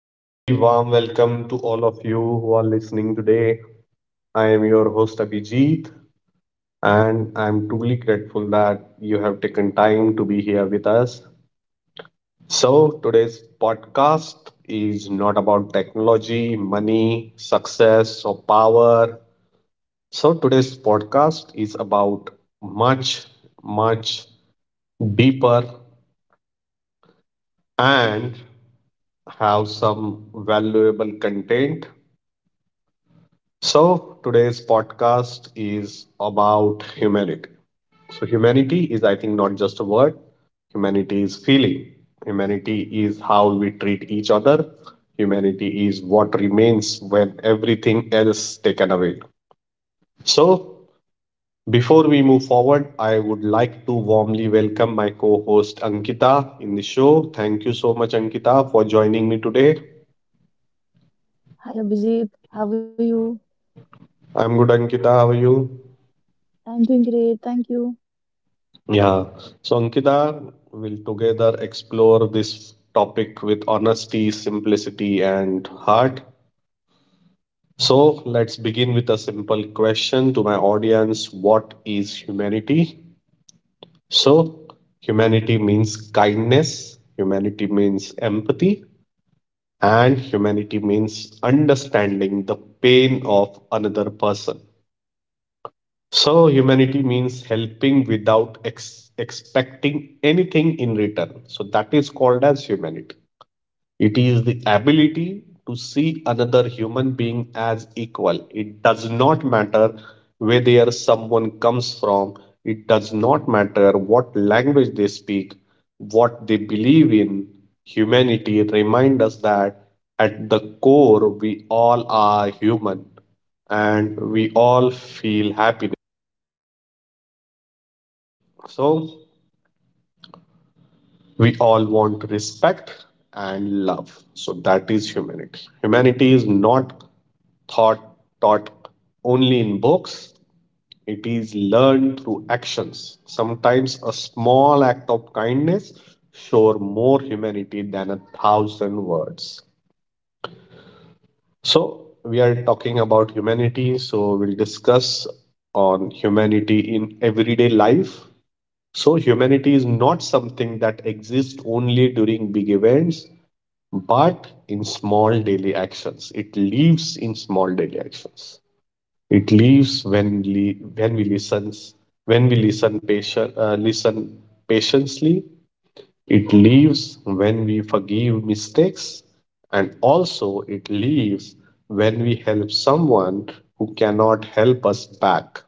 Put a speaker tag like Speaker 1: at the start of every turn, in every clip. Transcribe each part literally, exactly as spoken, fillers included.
Speaker 1: A very warm welcome to all of you who are listening today. I am your host Abhijit, and I'm truly grateful that you have taken time to be here with us. So, today's podcast is not about technology, money, success, or power. So, today's podcast is about much, much deeper and have some valuable content. So, today's podcast is about humanity. So, humanity is, I think, not just a word, humanity is feeling. Humanity is how we treat each other. Humanity is what remains when everything else is taken away. So, before we move forward, I would like to warmly welcome my co host Ankita in the show. Thank you so much, Ankita, for joining me today.
Speaker 2: Hi Abhijit, how are you?
Speaker 1: I'm good, Ankita. How are you?
Speaker 2: I'm doing great, thank you.
Speaker 1: Yeah. So, Ankita will together explore this topic with honesty, simplicity, and heart. So, let's begin with a simple question to my audience. What is humanity? So, humanity means kindness, humanity means empathy, and humanity means understanding the pain of another person. So, humanity means helping without ex- expecting anything in return. So, that is called as humanity. It is the ability to see another human being as equal. It does not matter whether someone comes from, it does not matter what language they speak, what they believe in. Humanity reminds us that at the core, we all are human and we all feel happiness. So we all want respect and love. So that is humanity. Humanity is not thought taught only in books. It is learned through actions. Sometimes a small act of kindness shows more humanity than a thousand words. So we are talking about humanity, so we'll discuss on humanity in everyday life. So humanity is not something that exists only during big events, but in small daily actions. It lives in small daily actions. It lives when we when we listen when we listen patient uh, listen patiently. It leaves when we forgive mistakes, and also it leaves when we help someone who cannot help us back.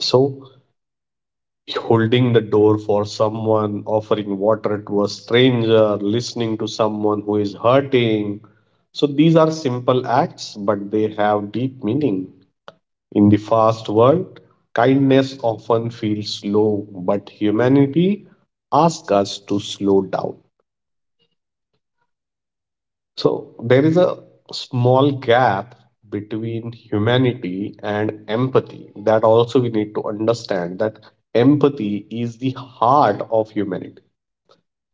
Speaker 1: So, holding the door for someone, offering water to a stranger, listening to someone who is hurting. So, these are simple acts, but they have deep meaning. In the fast world, kindness often feels slow, but humanity asks us to slow down. So there is a small gap between humanity and empathy that also we need to understand that empathy is the heart of humanity.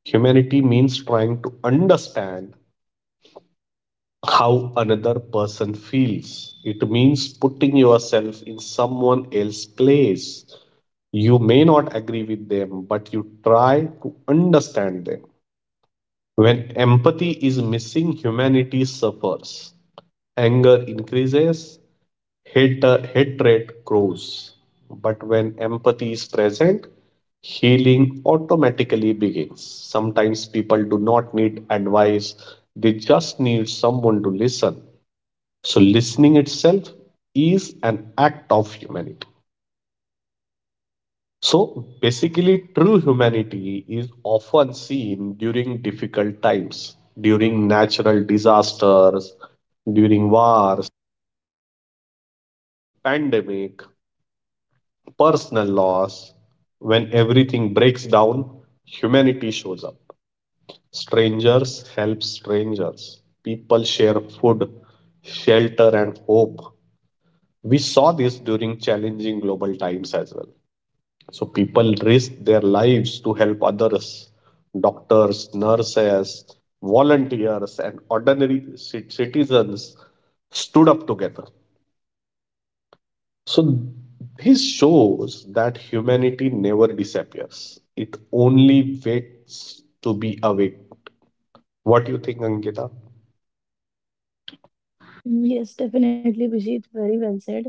Speaker 1: Humanity means trying to understand how another person feels. It means putting yourself in someone else's place. You may not agree with them, but you try to understand them. When empathy is missing, humanity suffers. Anger increases, hate, hatred grows. But when empathy is present, healing automatically begins. Sometimes people do not need advice, they just need someone to listen. So, listening itself is an act of humanity. So basically, true humanity is often seen during difficult times, during natural disasters, during wars, pandemic, personal loss. When everything breaks down, humanity shows up. Strangers help strangers. People share food, shelter, and hope. We saw this during challenging global times as well. So people risk their lives to help others. Doctors, nurses, volunteers, and ordinary cit- citizens stood up together. So this shows that humanity never disappears. It only waits to be awake. What do you think, Angita?
Speaker 2: Yes, definitely, Abhijit. Very well said.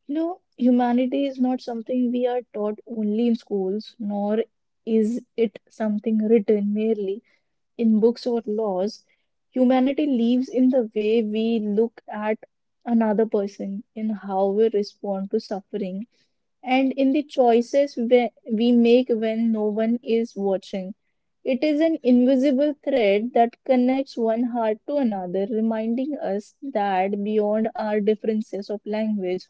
Speaker 2: You know, humanity is not something we are taught only in schools, nor is it something written merely in books or laws. Humanity lives in the way we look at another person, in how we respond to suffering, and in the choices we we make when no one is watching. It is an invisible thread that connects one heart to another, reminding us that beyond our differences of language,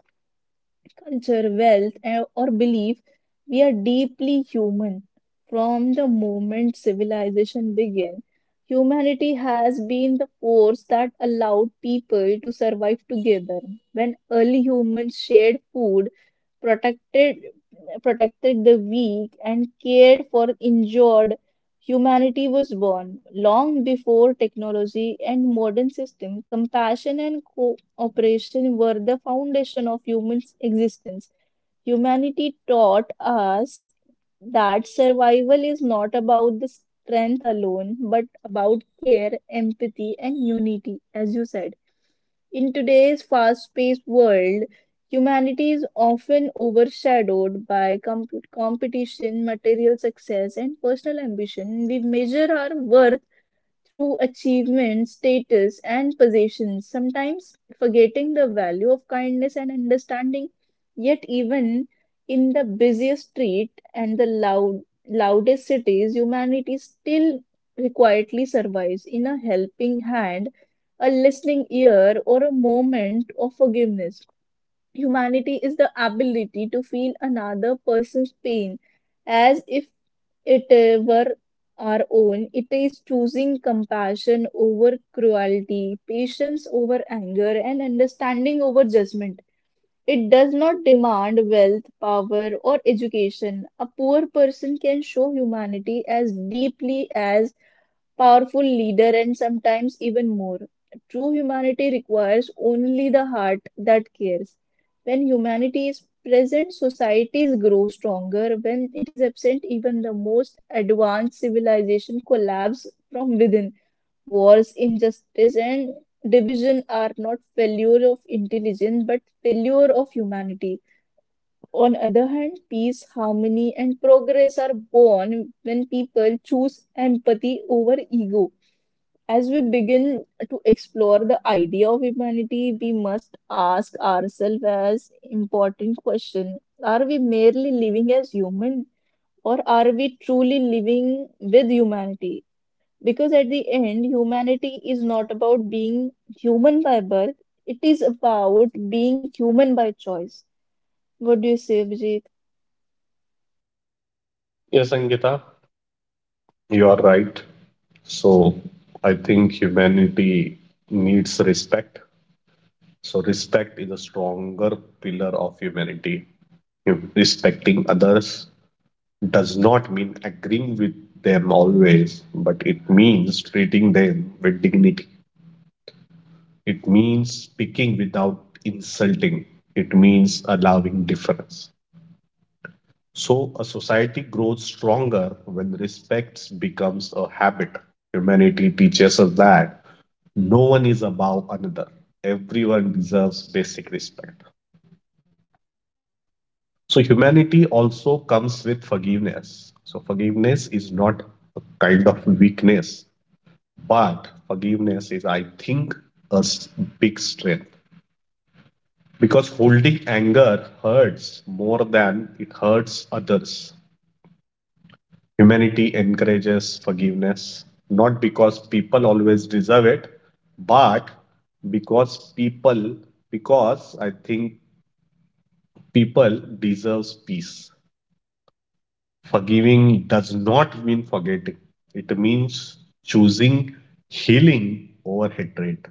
Speaker 2: culture, wealth, eh, or belief, we are deeply human. From the moment civilization began, humanity has been the force that allowed people to survive together. When early humans shared food, protected protected the weak and cared for injured, humanity was born. Long before technology and modern system, compassion and cooperation were the foundation of human existence. Humanity taught us that survival is not about the strength alone but about care, empathy, and unity. As you said, in today's fast-paced world, humanity is often overshadowed by com- competition, material success, and personal ambition. We measure our worth through achievements, status, and possessions, sometimes forgetting the value of kindness and understanding. Yet, even in the busiest street and the loud, loudest cities, humanity still quietly survives in a helping hand, a listening ear, or a moment of forgiveness. Humanity is the ability to feel another person's pain as if it uh, were our own. It is choosing compassion over cruelty, patience over anger, and understanding over judgment. It does not demand wealth, power, or education. A poor person can show humanity as deeply as powerful leader, and sometimes even more. True humanity requires only the heart that cares. When humanity is present, societies grow stronger. When it is absent, even the most advanced civilization collapse from within. Wars, injustice, and division are not failure of intelligence but failure of humanity. On other hand, peace, harmony, and progress are born when people choose empathy over ego. As we begin to explore the idea of humanity, we must ask ourselves as important question, are we merely living as human, or are we truly living with humanity? Because at the end, humanity is not about being human by birth, it is about being human by choice. What do you say, Abhijit?
Speaker 1: Yes, Angita. You are right. So I think humanity needs respect. So respect is a stronger pillar of humanity. Respecting others does not mean agreeing with them always, but it means treating them with dignity. It means speaking without insulting. It means allowing difference. So a society grows stronger when respect becomes a habit. Humanity teaches us that no one is above another. Everyone deserves basic respect. So humanity also comes with forgiveness. So forgiveness is not a kind of weakness, but forgiveness is, I think, a s- big strength because holding anger hurts more than it hurts others. Humanity encourages forgiveness not because people always deserve it, but because people, because I think people deserves peace. Forgiving does not mean forgetting, it means choosing healing over hatred.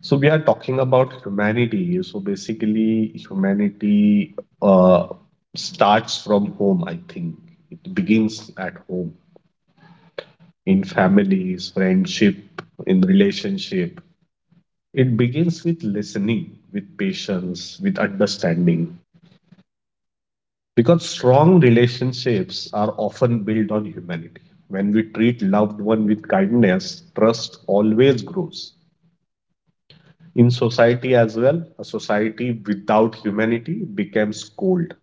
Speaker 1: So, we are talking about humanity. So, basically, humanity uh, starts from home, I think. It begins at home, in families, friendship, in relationship. It begins with listening, with patience, with understanding. Because strong relationships are often built on humanity. When we treat loved one with kindness, trust always grows in society as well. A society without humanity becomes cold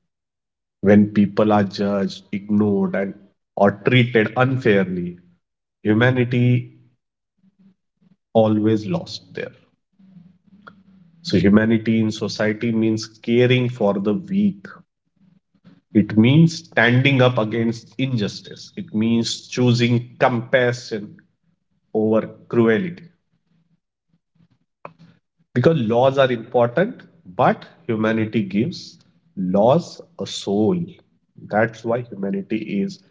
Speaker 1: when people are judged, ignored, and or treated unfairly. Humanity always lost there. So humanity in society means caring for the weak. It means standing up against injustice. It means choosing compassion over cruelty. Because laws are important, but humanity gives laws a soul. That's why humanity is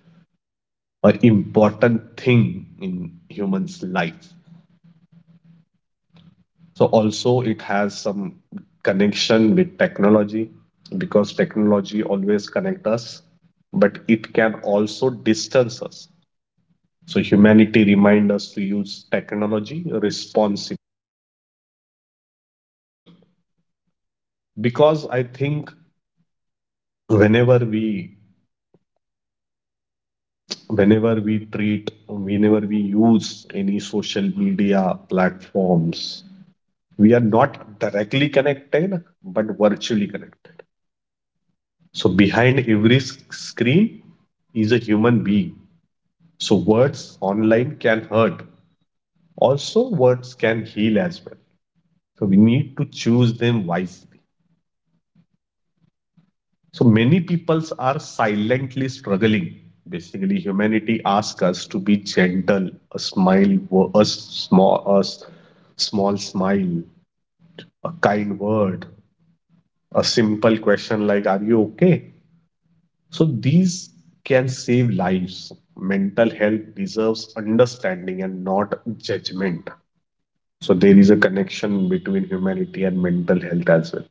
Speaker 1: an important thing in humans' life. So also it has some connection with technology because technology always connects us, but it can also distance us. So humanity reminds us to use technology responsibly. Because I think whenever we whenever we treat whenever we use any social media platforms, we are not directly connected but virtually connected. So behind every screen is a human being. So words online can hurt, also words can heal as well. So we need to choose them wisely. So many peoples are silently struggling. Basically, humanity asks us to be gentle, a smile, a small, a small smile, a kind word, a simple question like "Are you okay?" So these can save lives. Mental health deserves understanding and not judgment. So there is a connection between humanity and mental health as well.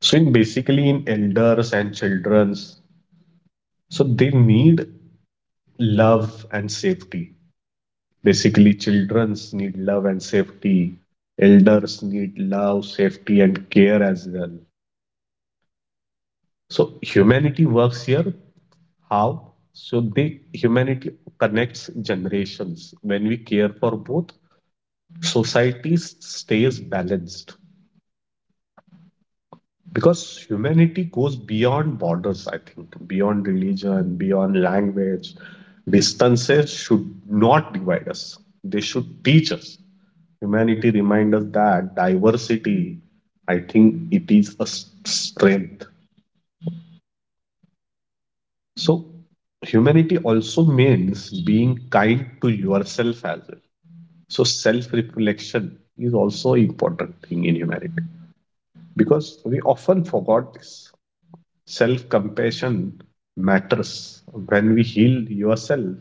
Speaker 1: So in basically in elders and childrens, so they need love and safety. Basically, childrens need love and safety. Elders need love, safety, and care as well. So humanity works here. How? So the humanity connects generations. When we care for both, society stays balanced. Because humanity goes beyond borders, I think, beyond religion, beyond language. Distances should not divide us, they should teach us. Humanity reminds us that diversity, I think, it is a s- strength. So humanity also means being kind to yourself as well. So self reflection is also an important thing in humanity because we often forgot this self compassion matters. When we heal yourself,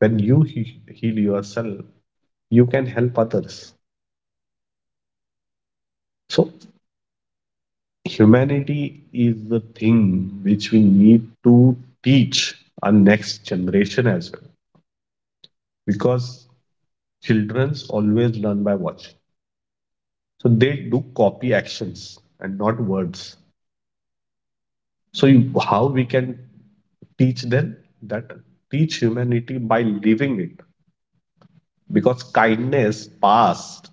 Speaker 1: when you he- heal yourself, you can help others. So, humanity is the thing which we need to teach our next generation as well because children always learn by watching. So, they do copy actions and not words. So, you, how we can teach them that teach humanity by living it because kindness passed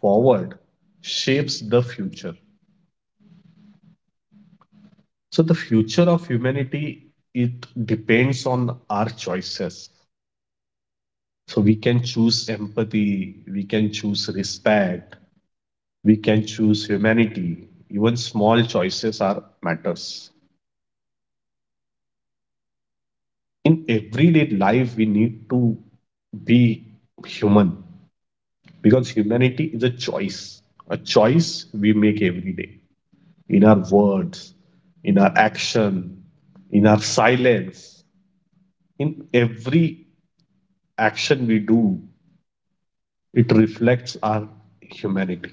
Speaker 1: forward shapes the future. So the future of humanity it depends on our choices. So we can choose empathy, we can choose respect, we can choose humanity. Even small choices are matters. In everyday life we need to be human because humanity is a choice, a choice we make every day, in our words, in our action, in our silence, in every action we do, it reflects our humanity.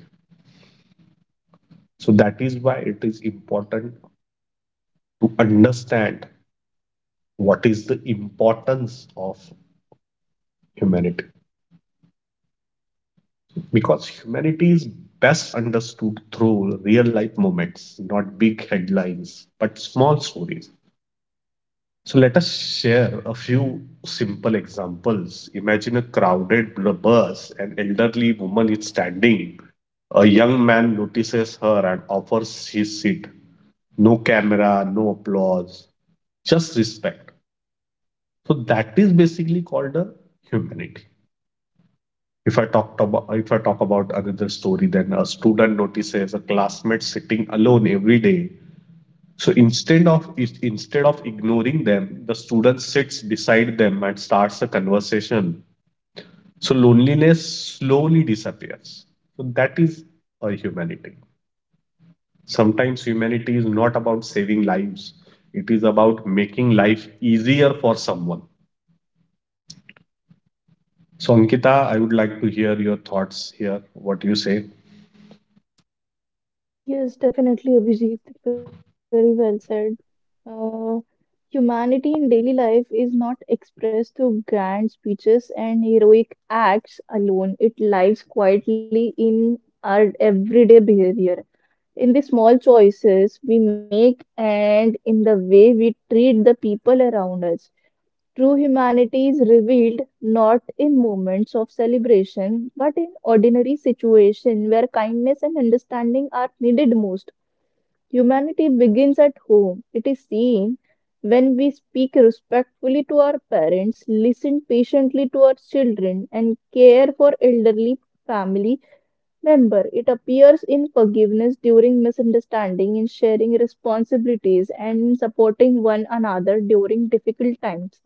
Speaker 1: So that is why it is important to understand what is the importance of humanity. Because humanity is best understood through real life moments, not big headlines, but small stories. So let us share a few simple examples. Imagine a crowded bus, an elderly woman is standing. A young man notices her and offers his seat. No camera, no applause, just respect. So that is basically called a humanity. If I talked about if I talk about another story, then a student notices a classmate sitting alone every day. So instead of instead of ignoring them, the student sits beside them and starts a conversation. So loneliness slowly disappears. So that is a humanity. Sometimes humanity is not about saving lives. It is about making life easier for someone. So Ankita, I would like to hear your thoughts here. What do you say?
Speaker 2: Yes, definitely, Abhijit. Very well said. Uh, Humanity in daily life is not expressed through grand speeches and heroic acts alone. It lives quietly in our everyday behavior, in the small choices we make, and in the way we treat the people around us. True humanity is revealed not in moments of celebration, but in ordinary situations where kindness and understanding are needed most. Humanity begins at home. It is seen when we speak respectfully to our parents, listen patiently to our children, and care for elderly family member. It appears in forgiveness during misunderstanding, in sharing responsibilities, and in supporting one another during difficult times.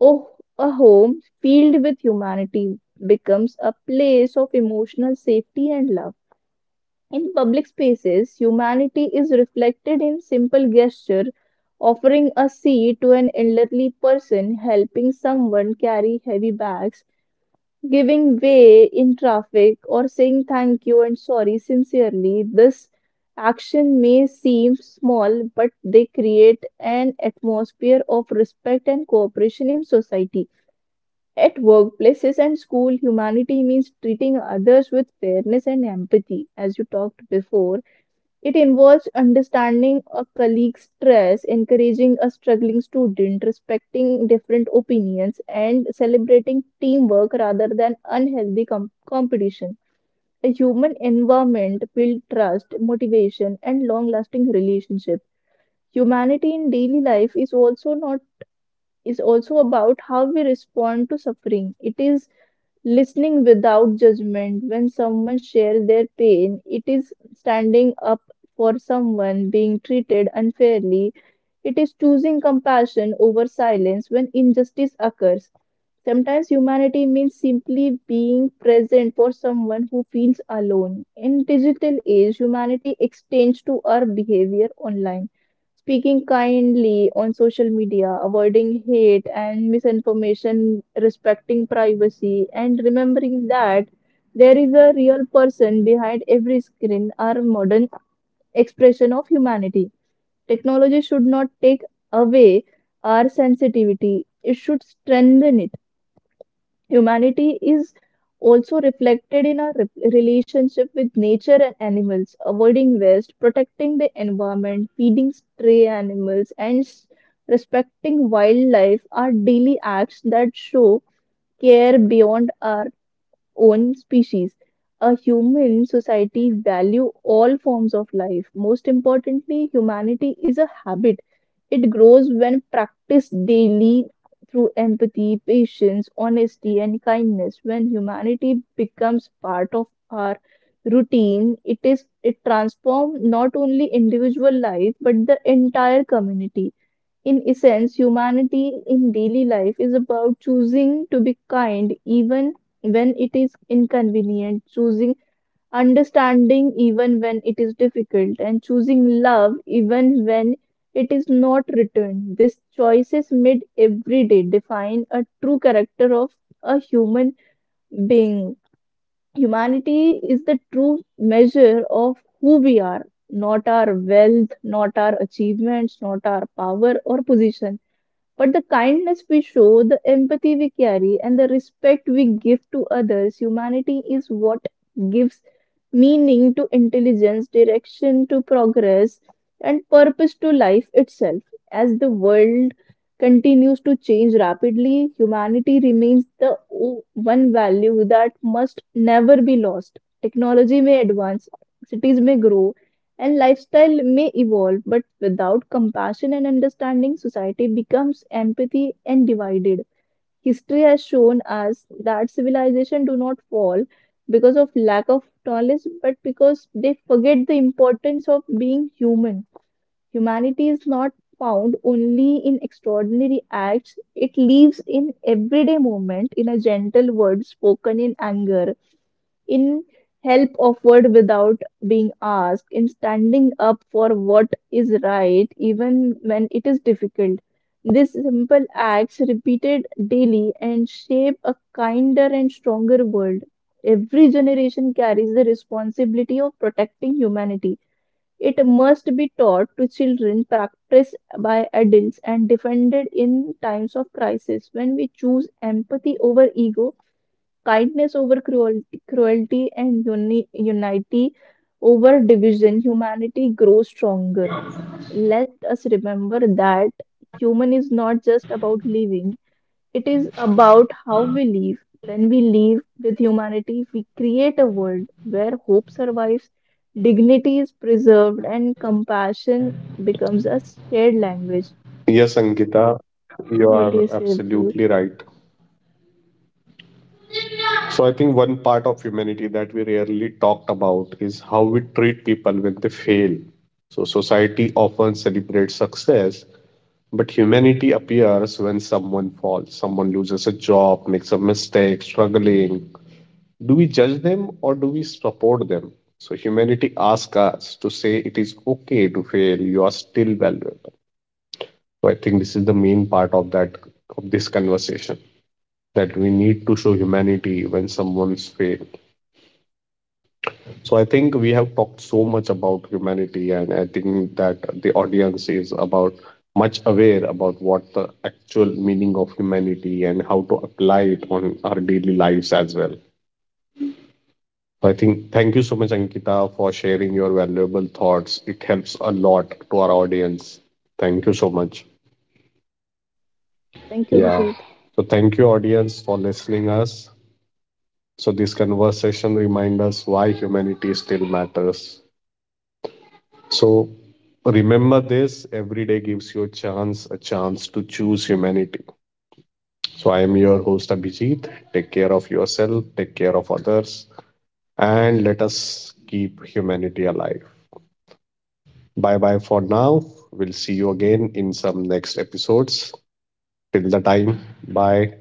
Speaker 2: Oh, a home filled with humanity becomes a place of emotional safety and love. In public spaces, humanity is reflected in simple gesture, offering a seat to an elderly person, helping someone carry heavy bags, giving way in traffic, or saying thank you and sorry sincerely. This action may seem small, but they create an atmosphere of respect and cooperation in society. At workplaces and school, humanity means treating others with fairness and empathy. As you talked before, it involves understanding a colleague's stress, encouraging a struggling student, respecting different opinions, and celebrating teamwork rather than unhealthy com- competition. A human environment builds trust, motivation, and long-lasting relationship. Humanity in daily life is also not is also about how we respond to suffering. It is listening without judgment when someone shares their pain, it is standing up for someone being treated unfairly, it is choosing compassion over silence when injustice occurs. Sometimes humanity means simply being present for someone who feels alone. In digital age, humanity extends to our behavior online, speaking kindly on social media, avoiding hate and misinformation, respecting privacy, and remembering that there is a real person behind every screen are modern expression of humanity. Technology should not take away our sensitivity, it should strengthen it. Humanity is also reflected in our re- relationship with nature and animals, avoiding waste, protecting the environment, feeding stray animals, and s- respecting wildlife are daily acts that show care beyond our own species. A human society value all forms of life. Most importantly, humanity is a habit. It grows when practiced daily through empathy, patience, honesty, and kindness. When humanity becomes part of our routine, it is it transforms not only individual life but the entire community. In essence, humanity in daily life is about choosing to be kind even when it is inconvenient, choosing understanding even when it is difficult, and choosing love even when it is not returned. These choices made every day define a true character of a human being. Humanity is the true measure of who we are, not our wealth, not our achievements, not our power or position. But the kindness we show, the empathy we carry, and the respect we give to others, humanity is what gives meaning to intelligence, direction to progress, and purpose to life itself. As the world continues to change rapidly, humanity remains the o- one value that must never be lost. Technology may advance, cities may grow, and lifestyle may evolve, but without compassion and understanding, society becomes empathy and divided. History has shown us that civilization do not fall because of lack of knowledge, but because they forget the importance of being human. Humanity is not found only in extraordinary acts, it lives in everyday moment, in a gentle word spoken in anger, in help offered without being asked, in standing up for what is right, even when it is difficult. These simple acts, repeated daily, and shape a kinder and stronger world. Every generation carries the responsibility of protecting humanity. It must be taught to children, practiced by adults, and defended in times of crisis. When we choose empathy over ego, kindness over cruelty, cruelty and uni- unity over division, humanity grows stronger. Let us remember that human is not just about living, it is about how we live. When we live with humanity, we create a world where hope survives, dignity is preserved, and compassion becomes a shared language.
Speaker 1: Yes, Ankita, you
Speaker 2: What do
Speaker 1: are
Speaker 2: you say, Abhijit?
Speaker 1: absolutely right. So I think one part of humanity that we rarely talked about is how we treat people when they fail. So society often celebrates success, but humanity appears when someone falls, someone loses a job, makes a mistake, struggling. Do we judge them or do we support them? So humanity asks us to say it is okay to fail, you are still valuable. So I think this is the main part of that of this conversation that we need to show humanity when someone's failed. So I think we have talked so much about humanity, and I think that the audience is about much aware about what the actual meaning of humanity and how to apply it on our daily lives as well. So I think thank you so much, Ankita, for sharing your valuable thoughts. It helps a lot to our audience. Thank you so much.
Speaker 2: Thank you,
Speaker 1: Yeah.
Speaker 2: Abhijit.
Speaker 1: So thank you, audience, for listening us. So this conversation reminds us why humanity still matters. So remember this every day gives you a chance, a chance to choose humanity. So I am your host Abhijit. Take care of yourself, take care of others, and let us keep humanity alive. Bye bye for now. We'll see you again in some next episodes. Till the time, bye.